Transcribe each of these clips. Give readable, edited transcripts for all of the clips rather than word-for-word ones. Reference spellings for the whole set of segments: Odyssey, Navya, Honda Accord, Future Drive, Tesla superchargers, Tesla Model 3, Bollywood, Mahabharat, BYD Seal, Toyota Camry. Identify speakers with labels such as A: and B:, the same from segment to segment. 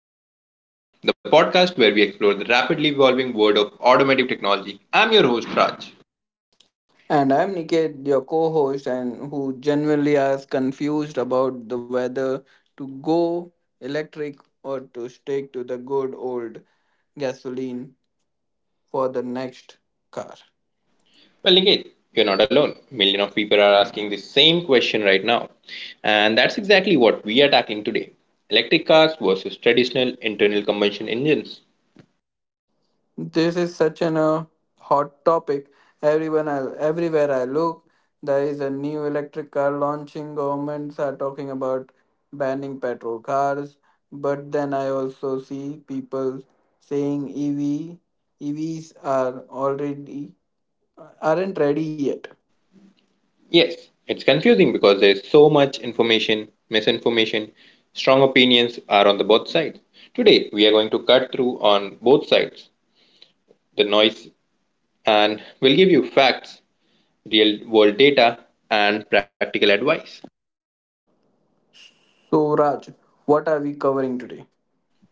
A: to Future Drive, the podcast where we explore the rapidly evolving world of automotive technology. I'm your host Raj.
B: And I'm Niket, your co host, and who genuinely is confused about the whether to go electric or to stick to the good old gasoline for the next car.
A: Well, Niket, you're not alone. Million of people are asking the same question right now, and that's exactly what we are tackling today: electric cars versus traditional internal combustion engines.
B: This is such an hot topic. Everywhere I look, there is a new electric car launching. Governments are talking about banning petrol cars, but then I also see people saying EV EVs are already aren't ready yet.
A: Yes, it's confusing because there's so much information, misinformation, strong opinions are on the both sides. Today, we are going to cut through on both sides, the noise, and we'll give you facts real world data, and practical advice.
B: So, Raj, what are we covering today?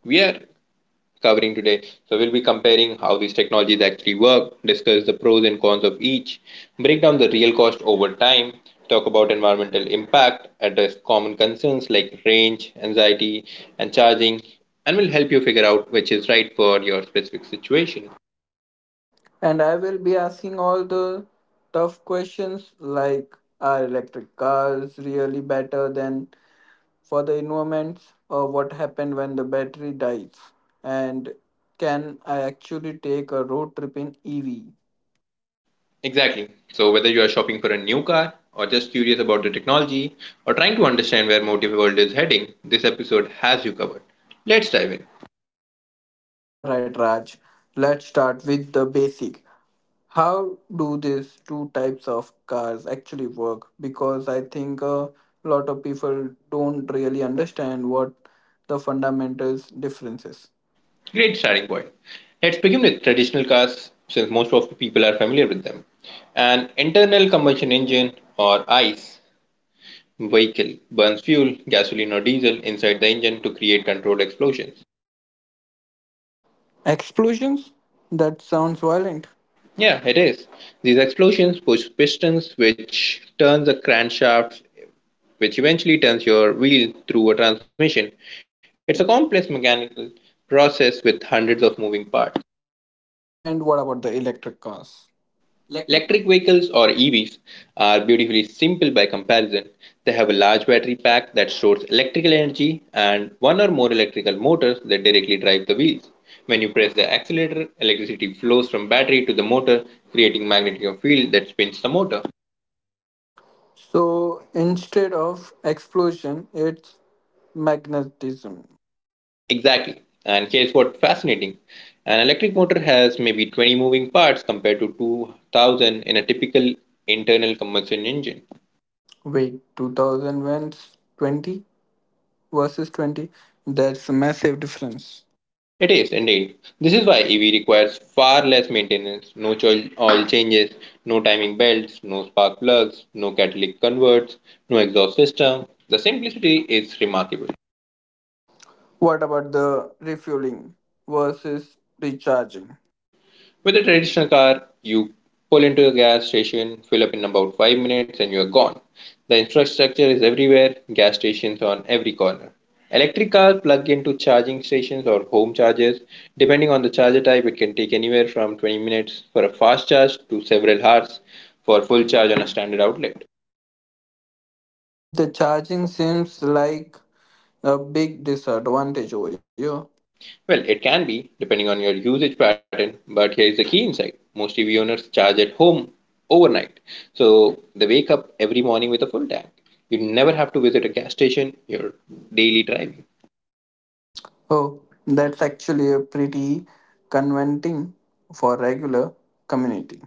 A: We are covering today, so we'll be comparing how these technologies actually work, discuss the pros and cons of each, break down the real cost over time, talk about environmental impact, address common concerns like range, anxiety, and charging, and will help you figure out which is right for your specific situation.
B: And I will be asking all the tough questions like are electric cars really better than for the environments, or what happened when the battery dies? And can I actually take a road trip in EV?
A: Exactly. So, whether you are shopping for a new car, or just curious about the technology, or trying to understand where Motive World is heading, this episode has you covered. Let's dive in.
B: All right, Raj, let's start with the basic. How do these two types of cars actually work, because I think a lot of people don't really understand what the fundamentals differences.
A: Great starting point. Let's begin with traditional cars, since most of the people are familiar with them. An internal combustion engine, or ICE, vehicle burns fuel, gasoline, or diesel inside the engine to create controlled explosions.
B: Explosions? That sounds violent.
A: Yeah, it is. These explosions push pistons, which turns the crankshaft, which eventually turns your wheel through a transmission. It's a complex mechanical process with hundreds of moving parts.
B: And what about the electric cars? electric ve-
A: Electric vehicles or EVs are beautifully simple by comparison. They have a large battery pack that stores electrical energy and one or more electrical motors that directly drive the wheels. When you press the accelerator, electricity flows from battery to the motor, creating magnetic field that spins the motor.
B: so instead of explosion it's magnetism.
A: Exactly. And here's what fascinating. An electric motor has maybe 20 moving parts compared to 2000 in a typical internal combustion engine.
B: Wait, 2020 versus 20? That's a massive difference.
A: It is indeed. This is why EV requires far less maintenance, no oil changes, no timing belts, no spark plugs, no catalytic converts, no exhaust system. The simplicity is remarkable.
B: What about the refueling versus recharging?
A: With a traditional car, you pull into a gas station, fill up in about 5 minutes, and you're gone. The infrastructure is everywhere, gas stations on every corner. Electric cars plug into charging stations or home chargers. Depending on the charger type, it can take anywhere from 20 minutes for a fast charge to several hours for full charge on a standard outlet.
B: The charging seems like a big disadvantage over here.
A: Well, it can be, depending on your usage pattern, but here is the key insight. Most EV owners charge at home overnight. So they wake up every morning with a full tank. You never have to visit a gas station, you're daily driving.
B: Oh, that's actually a pretty conventing for regular community.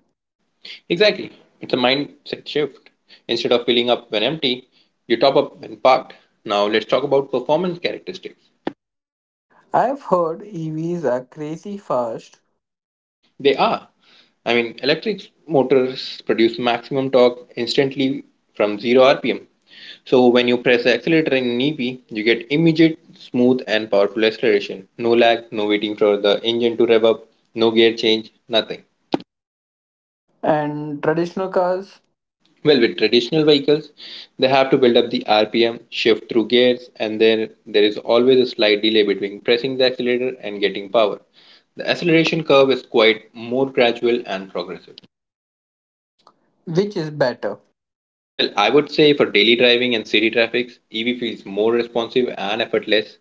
A: Exactly. It's a mindset shift. Instead of filling up when empty, you top up when parked. Now let's talk about performance characteristics.
B: I've heard EVs are crazy fast.
A: They are. I mean, electric motors produce maximum torque instantly from 0 rpm. So when you press the accelerator in EV, you get immediate, smooth and powerful acceleration. No lag, no waiting for the engine to rev up, no gear change, nothing.
B: And traditional cars?
A: Well, with traditional vehicles, they have to build up the RPM, shift through gears, and then there is always a slight delay between pressing the accelerator and getting power. The acceleration curve is quite more gradual and progressive.
B: Which is better?
A: Well, I would say for daily driving and city traffic, EV feels more responsive and effortless,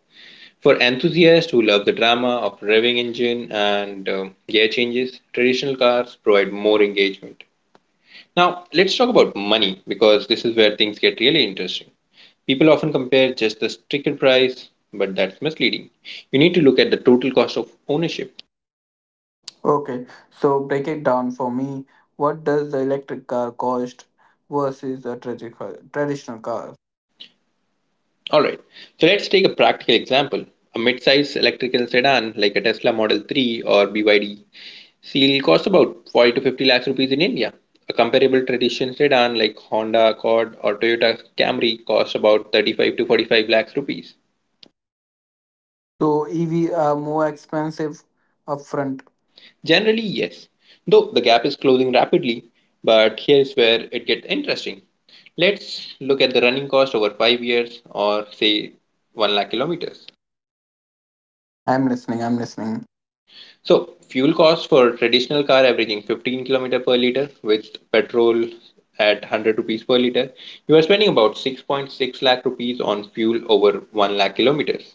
A: for enthusiasts who love the drama of revving engine and gear changes, traditional cars provide more engagement. Now, let's talk about money because this is where things get really interesting. People often compare just the sticker price, but that's misleading. You need to look at the total cost of ownership.
B: Okay, so break it down for me. What does the electric car cost versus a traditional car?
A: Alright, so let's take a practical example. A mid-size electrical sedan like a Tesla Model 3 or BYD Seal costs about 40 to 50 lakhs rupees in India. A comparable traditional sedan like Honda Accord or Toyota Camry costs about 35 to 45 lakhs rupees.
B: So EV are more expensive upfront.
A: Generally, yes, though the gap is closing rapidly, but here's where it gets interesting. Let's look at the running cost over 5 years or say 1 lakh kilometers.
B: I'm listening.
A: So fuel cost for traditional car averaging 15 kilometer per liter with petrol at 100 rupees per liter, you are spending about 6.6 lakh rupees on fuel over 1 lakh kilometers.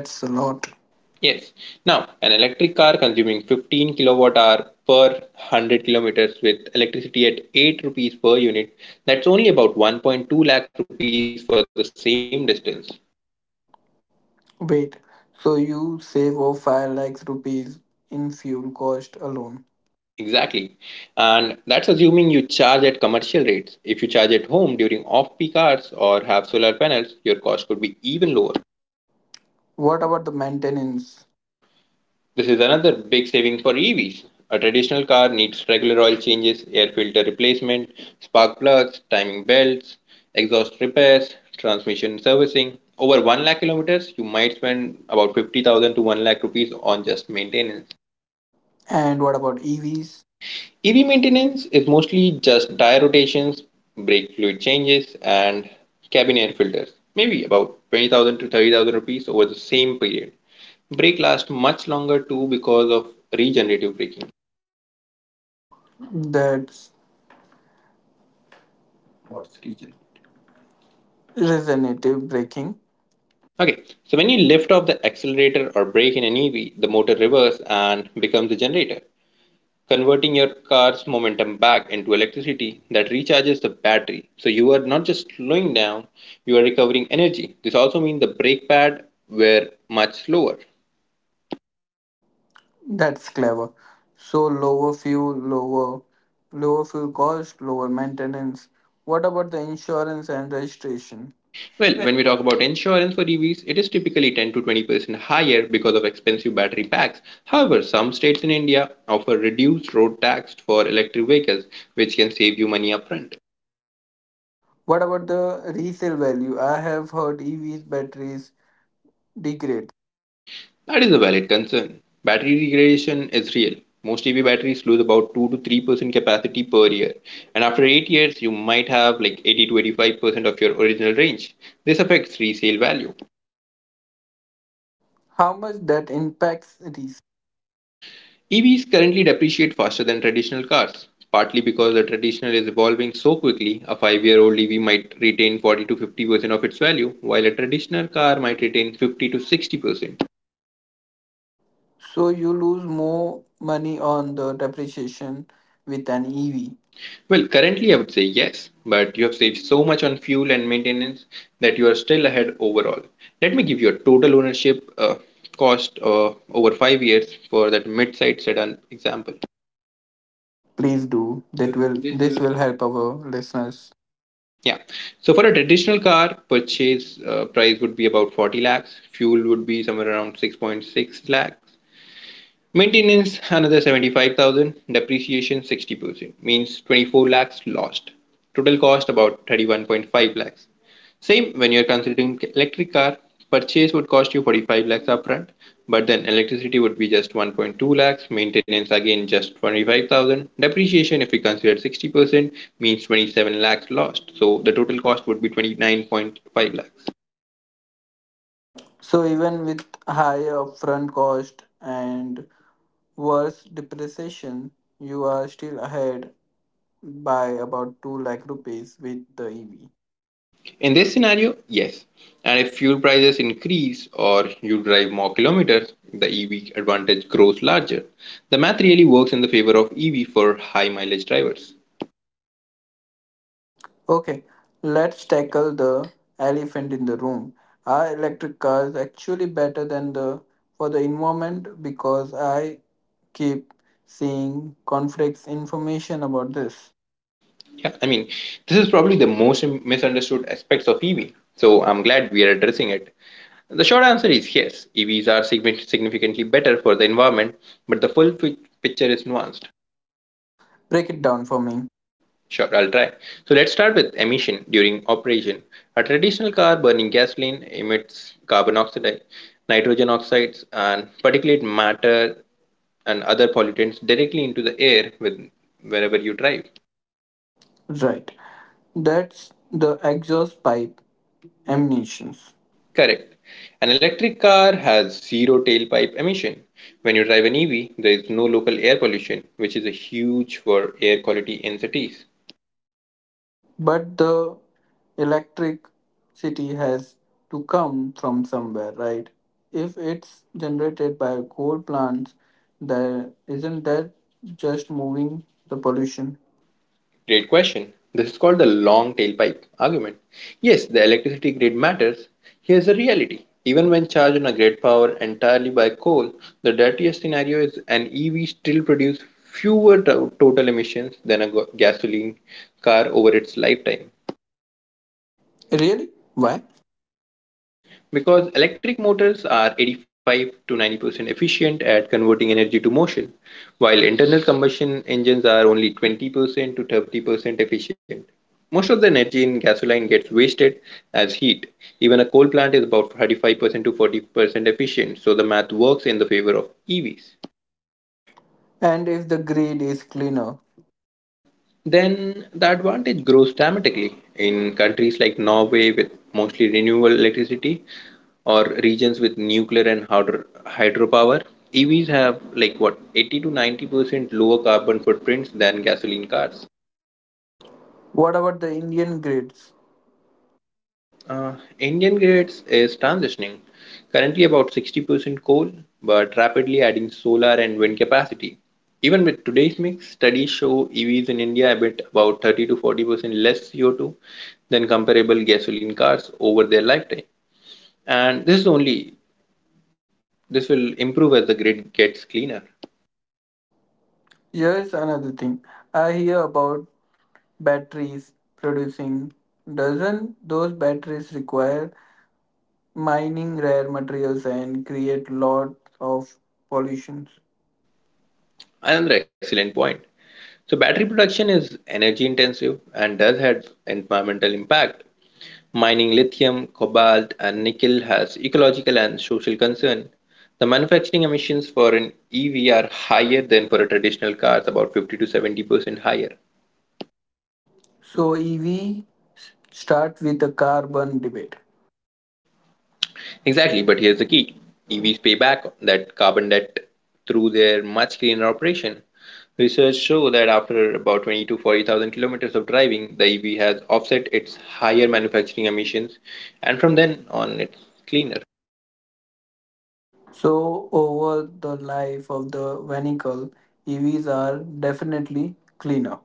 B: And that's a lot.
A: Yes. Now, an electric car consuming 15 kilowatt hour per 100 kilometers with electricity at 8 rupees per unit, that's only about 1.2 lakh rupees for the same distance.
B: Wait. So you save over 5 lakh rupees in fuel cost alone.
A: Exactly. And that's assuming you charge at commercial rates. If you charge at home during off peak hours or have solar panels, your cost could be even lower.
B: What about the maintenance?
A: This is another big saving for EVs. A traditional car needs regular oil changes, air filter replacement, spark plugs, timing belts, exhaust repairs, transmission servicing. Over 1 lakh kilometers, you might spend about 50,000 to 1 lakh rupees on just maintenance.
B: And what about EVs?
A: EV maintenance is mostly just tire rotations, brake fluid changes, and cabin air filters, maybe about 20,000 to 30,000 rupees over the same period. Brake lasts much longer too because of regenerative braking.
B: That's what's region? Regenerative braking.
A: Okay, so when you lift off the accelerator or brake in an EV, the motor reverses and becomes a generator, converting your car's momentum back into electricity that recharges the battery. So you are not just slowing down, you are recovering energy. This also means the brake pad were much slower.
B: That's clever. So lower fuel, lower fuel cost, lower maintenance. What about the insurance and registration?
A: Well, when we talk about insurance for EVs, it is typically 10 to 20% higher because of expensive battery packs. However, some states in India offer reduced road tax for electric vehicles, which can save you money upfront.
B: What about the resale value? I have heard EVs batteries degrade.
A: That is a valid concern. Battery degradation is real. Most EV batteries lose about 2 to 3% capacity per year, and after 8 years, you might have like 80 to 85% of your original range. This affects resale value.
B: How much that impacts resale?
A: EVs currently depreciate faster than traditional cars, partly because the traditional is evolving so quickly. A 5-year-old EV might retain 40 to 50% of its value, while a traditional car might retain 50 to 60%.
B: So you lose more money on the depreciation with an EV.
A: Well, currently I would say yes, but you have saved so much on fuel and maintenance that you are still ahead overall. Let me give you a total ownership cost over 5 years for that mid-sized sedan example.
B: Please do.
A: That
B: That
A: will-
B: will
A: this
B: This
A: will-
B: will help our listeners.
A: Yeah. So for a traditional car, purchase price would be about 40 lakhs. Fuel would be somewhere around 6.6 lakhs. Maintenance another 75,000, depreciation 60%, means 24 lakhs lost. Total cost about 31.5 lakhs. Same when you're considering electric car, purchase would cost you 45 lakhs upfront, but then electricity would be just 1.2 lakhs, maintenance again just 25,000, depreciation if we consider 60% means 27 lakhs lost. So the total cost would be 29.5 lakhs.
B: So even with higher upfront cost and worse depreciation, you are still ahead by about 2 lakh rupees with the EV.
A: In this scenario, yes. And if fuel prices increase or you drive more kilometers, the EV advantage grows larger. The math really works in the favor of EV for high mileage drivers.
B: Okay, let's tackle the elephant in the room. Are electric cars actually better than the for the environment? Because I keep seeing conflicts information about this.
A: Yeah, I mean, this is probably the most misunderstood aspects of EV. So I'm glad we are addressing it. The short answer is yes, EVs are significantly better for the environment, but the full picture is nuanced.
B: Break it down for me.
A: Sure, I'll try. So let's start with emission during operation. A traditional car burning gasoline emits carbon oxide, nitrogen oxides, and particulate matter and other pollutants directly into the air with wherever you drive.
B: Right. That's the exhaust pipe emissions.
A: Correct. An electric car has zero tailpipe emission. When you drive an EV, there is no local air pollution, which is a huge for air quality in cities.
B: But the electricity has to come from somewhere, right? If it's generated by coal plants, there isn't that just moving the pollution?
A: Great question. This is called the long tailpipe argument. Yes, the electricity grid matters. Here's the reality. Even when charged on a grid powered entirely by coal, the dirtiest scenario is an EV still produces fewer total emissions than a gasoline car over its lifetime.
B: Really? Why?
A: Because electric motors are 85 to 90% efficient at converting energy to motion, while internal combustion engines are only 20% to 30% efficient. Most of the energy in gasoline gets wasted as heat. Even a coal plant is about 35% to 40% efficient, so the math works in the favor of EVs.
B: And if the grid is cleaner?
A: Then the advantage grows dramatically. In countries like Norway with mostly renewable electricity, or regions with nuclear and hydropower. EVs have like what 80 to 90% lower carbon footprints than gasoline cars.
B: What about the Indian grids?
A: Indian grids is transitioning, currently about 60% coal, but rapidly adding solar and wind capacity. Even with today's mix, studies show EVs in India emit about 30 to 40% less CO2 than comparable gasoline cars over their lifetime. And this is only this will improve as the grid gets cleaner.
B: Here's another thing. I hear about batteries producing. Doesn't those batteries require mining rare materials and create lot of pollutions?
A: Another excellent point. So battery production is energy intensive and does have environmental impact. Mining lithium, cobalt and nickel has ecological and social concern. The manufacturing emissions for an EV are higher than for a traditional car, about 50 to 70% higher.
B: So EV start with the carbon debate.
A: Exactly, but here's the key. EVs pay back that carbon debt through their much cleaner operation. Research show that after about 20 to 40,000 kilometers of driving, the EV has offset its higher manufacturing emissions, and from then on, it's cleaner.
B: So over the life of the vehicle, EVs are definitely cleaner.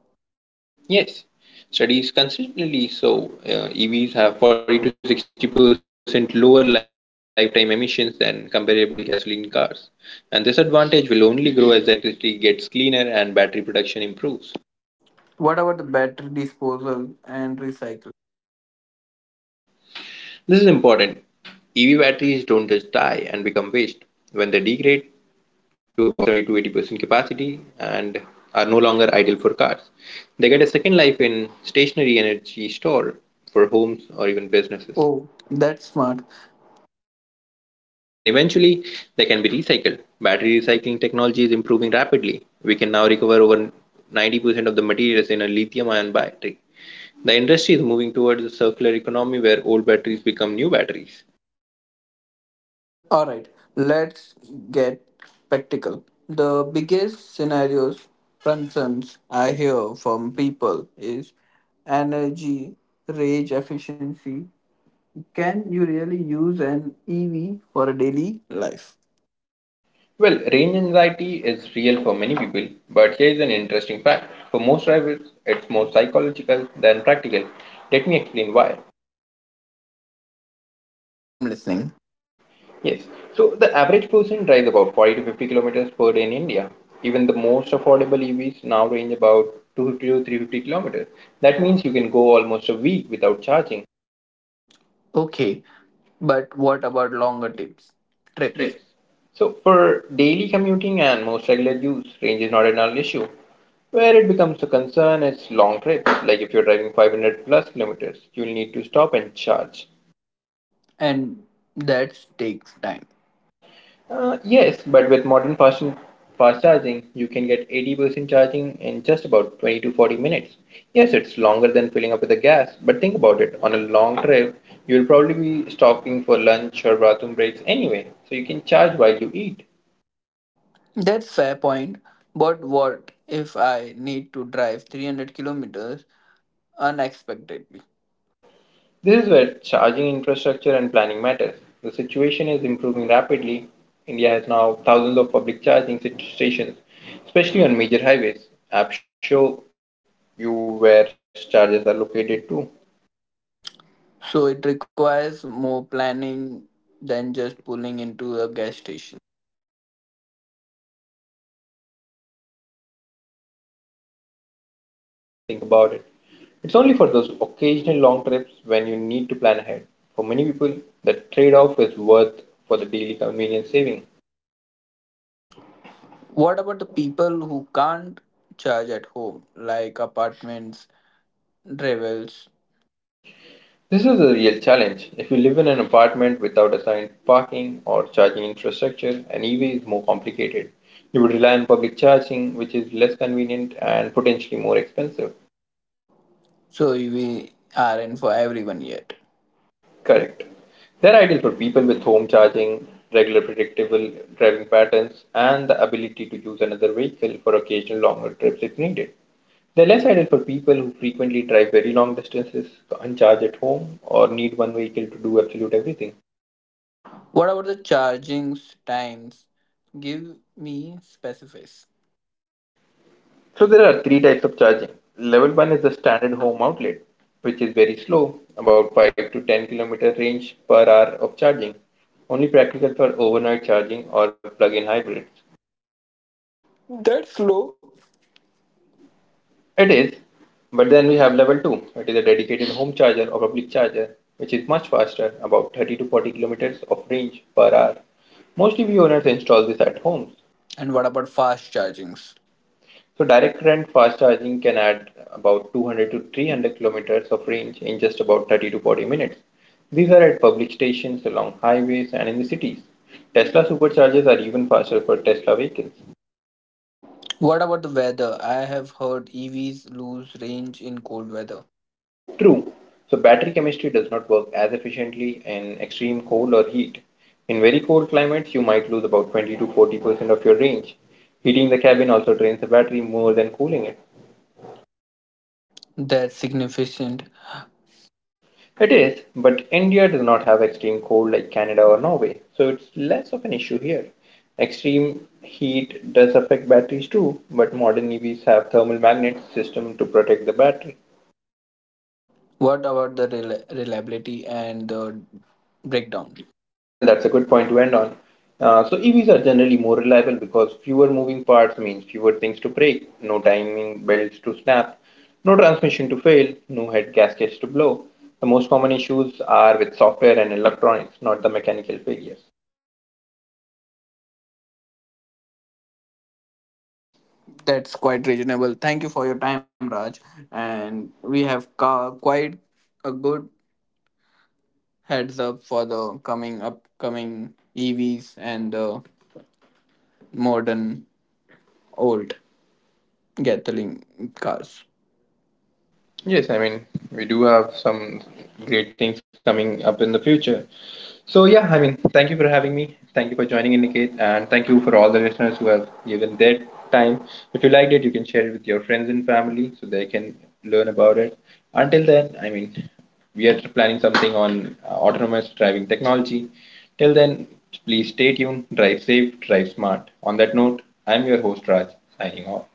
A: Yes, studies consistently show EVs have 40 to 60% lower lifetime emissions than comparable gasoline cars, and this advantage will only grow as the electricity gets cleaner and battery production improves.
B: What about the battery disposal and recycle?
A: This is important. EV batteries don't just die and become waste when they degrade to about 70 to 80% capacity and are no longer ideal for cars. They get a second life in stationary energy store for homes or even businesses.
B: Oh, that's smart.
A: Yeah, and eventually they can be recycled. Battery recycling technology is improving rapidly. We can now recover over 90% of the materials in a lithium ion battery. The industry is moving towards a circular economy where old batteries become new batteries.
B: All right, let's get practical. The biggest scenarios concerns I hear from people is energy, range efficiency, can you really use an EV for a daily life?
A: Well, range anxiety is real for many people, but here is an interesting fact. For most drivers, it's more psychological than practical. Let me explain why.
B: I'm listening.
A: Yes, so the average person drives about 40 to 50 kilometers per day in India. Even the most affordable EVs now range about 250 to 350 kilometers. That means you can go almost a week without charging
B: Okay, but what about longer trips?
A: trips. So, for daily commuting and most regular use, range is not an issue. Where it becomes a concern is long trips, like if you're driving 500 plus kilometers, you'll need to stop and charge.
B: And that takes time.
A: Yes, but with modern fast charging, you can get 80% charging in just about 20 to 40 minutes. Yes, it's longer than filling up with the gas, but think about it. On a long trip, you'll probably be stopping for lunch or bathroom breaks anyway, so you can charge while you eat.
B: That's fair point. But what if I need to drive 300 kilometers unexpectedly?
A: This is where charging infrastructure and planning matters. The situation is improving rapidly. India has now thousands of public stations, especially on major highways. Apps show you where chargers are located too.
B: So it requires more planning than just pulling into a gas station.
A: Currently, yes, but remember, for 95% of your driving, you are charging at your home overnight and never think about it. It's only for those occasional long trips when you need to plan ahead. For many people, the trade off is worth for the daily convenience saving.
B: What about the people who can't charge at home, like apartments, drivels?
A: This is a real challenge. If you live in an apartment without assigned parking or charging infrastructure, an EV is more complicated. You would rely on public charging, which is less convenient and potentially more expensive.
B: So we aren't for everyone yet.
A: Correct. They're ideal for people with home charging, regular predictable driving patterns, and the ability to use another vehicle for occasional longer trips if needed. They're less ideal for people who frequently drive very long distances, can't charge at home, or need one vehicle to do absolute everything.
B: What about the charging times? Give me specifics.
A: So there are three types of charging. Level 1 is the standard home outlet, which is very slow, about 5 to 10 kilometer range per hour of charging, only practical for overnight charging or plug-in hybrids.
B: That's slow.
A: It is, but then we have level 2, it is a dedicated home charger or public charger, which is much faster, about 30 to 40 kilometers of range per hour. Mostly we owners install this at homes.
B: And what about fast chargings?
A: So direct current fast charging can add about 200 to 300 kilometers of range in just about 30 to 40 minutes. These are at public stations, along highways, and in the cities. Tesla superchargers are even faster for Tesla vehicles.
B: What about the weather? I have heard EVs lose range in cold weather.
A: True, so battery chemistry does not work as efficiently in extreme cold or heat. In very cold climates, you might lose about 20 to 40% of your range. Heating the cabin also drains the battery more than cooling it.
B: That's significant.
A: It is, but India does not have extreme cold like Canada or Norway, so it's less of an issue here. Extreme heat does affect batteries too, but modern EVs have thermal magnet system to protect the battery.
B: What about the reliability and the breakdown?
A: Well, that's a good point to end on. So EVs are generally more reliable because fewer moving parts means fewer things to break, no timing belts to snap, no transmission to fail, no head gaskets to blow. The most common issues are with software and electronics, not the mechanical failures.
B: That's quite reasonable. Thank you for your time, Raj. And we have quite a good heads up for the coming upcoming EVs and the modern old gasoline cars.
A: Yes, I mean, we do have some great things coming up in the future. So, yeah, I mean, thank you for having me. Thank you for joining in, Niket. And thank you for all the listeners who have given their time. If you liked it, you can share it with your friends and family so they can learn about it. Until then, I mean, we are planning something on autonomous driving technology. Till then, please stay tuned, drive safe, drive smart. On that note, I'm your host, Raj, signing off.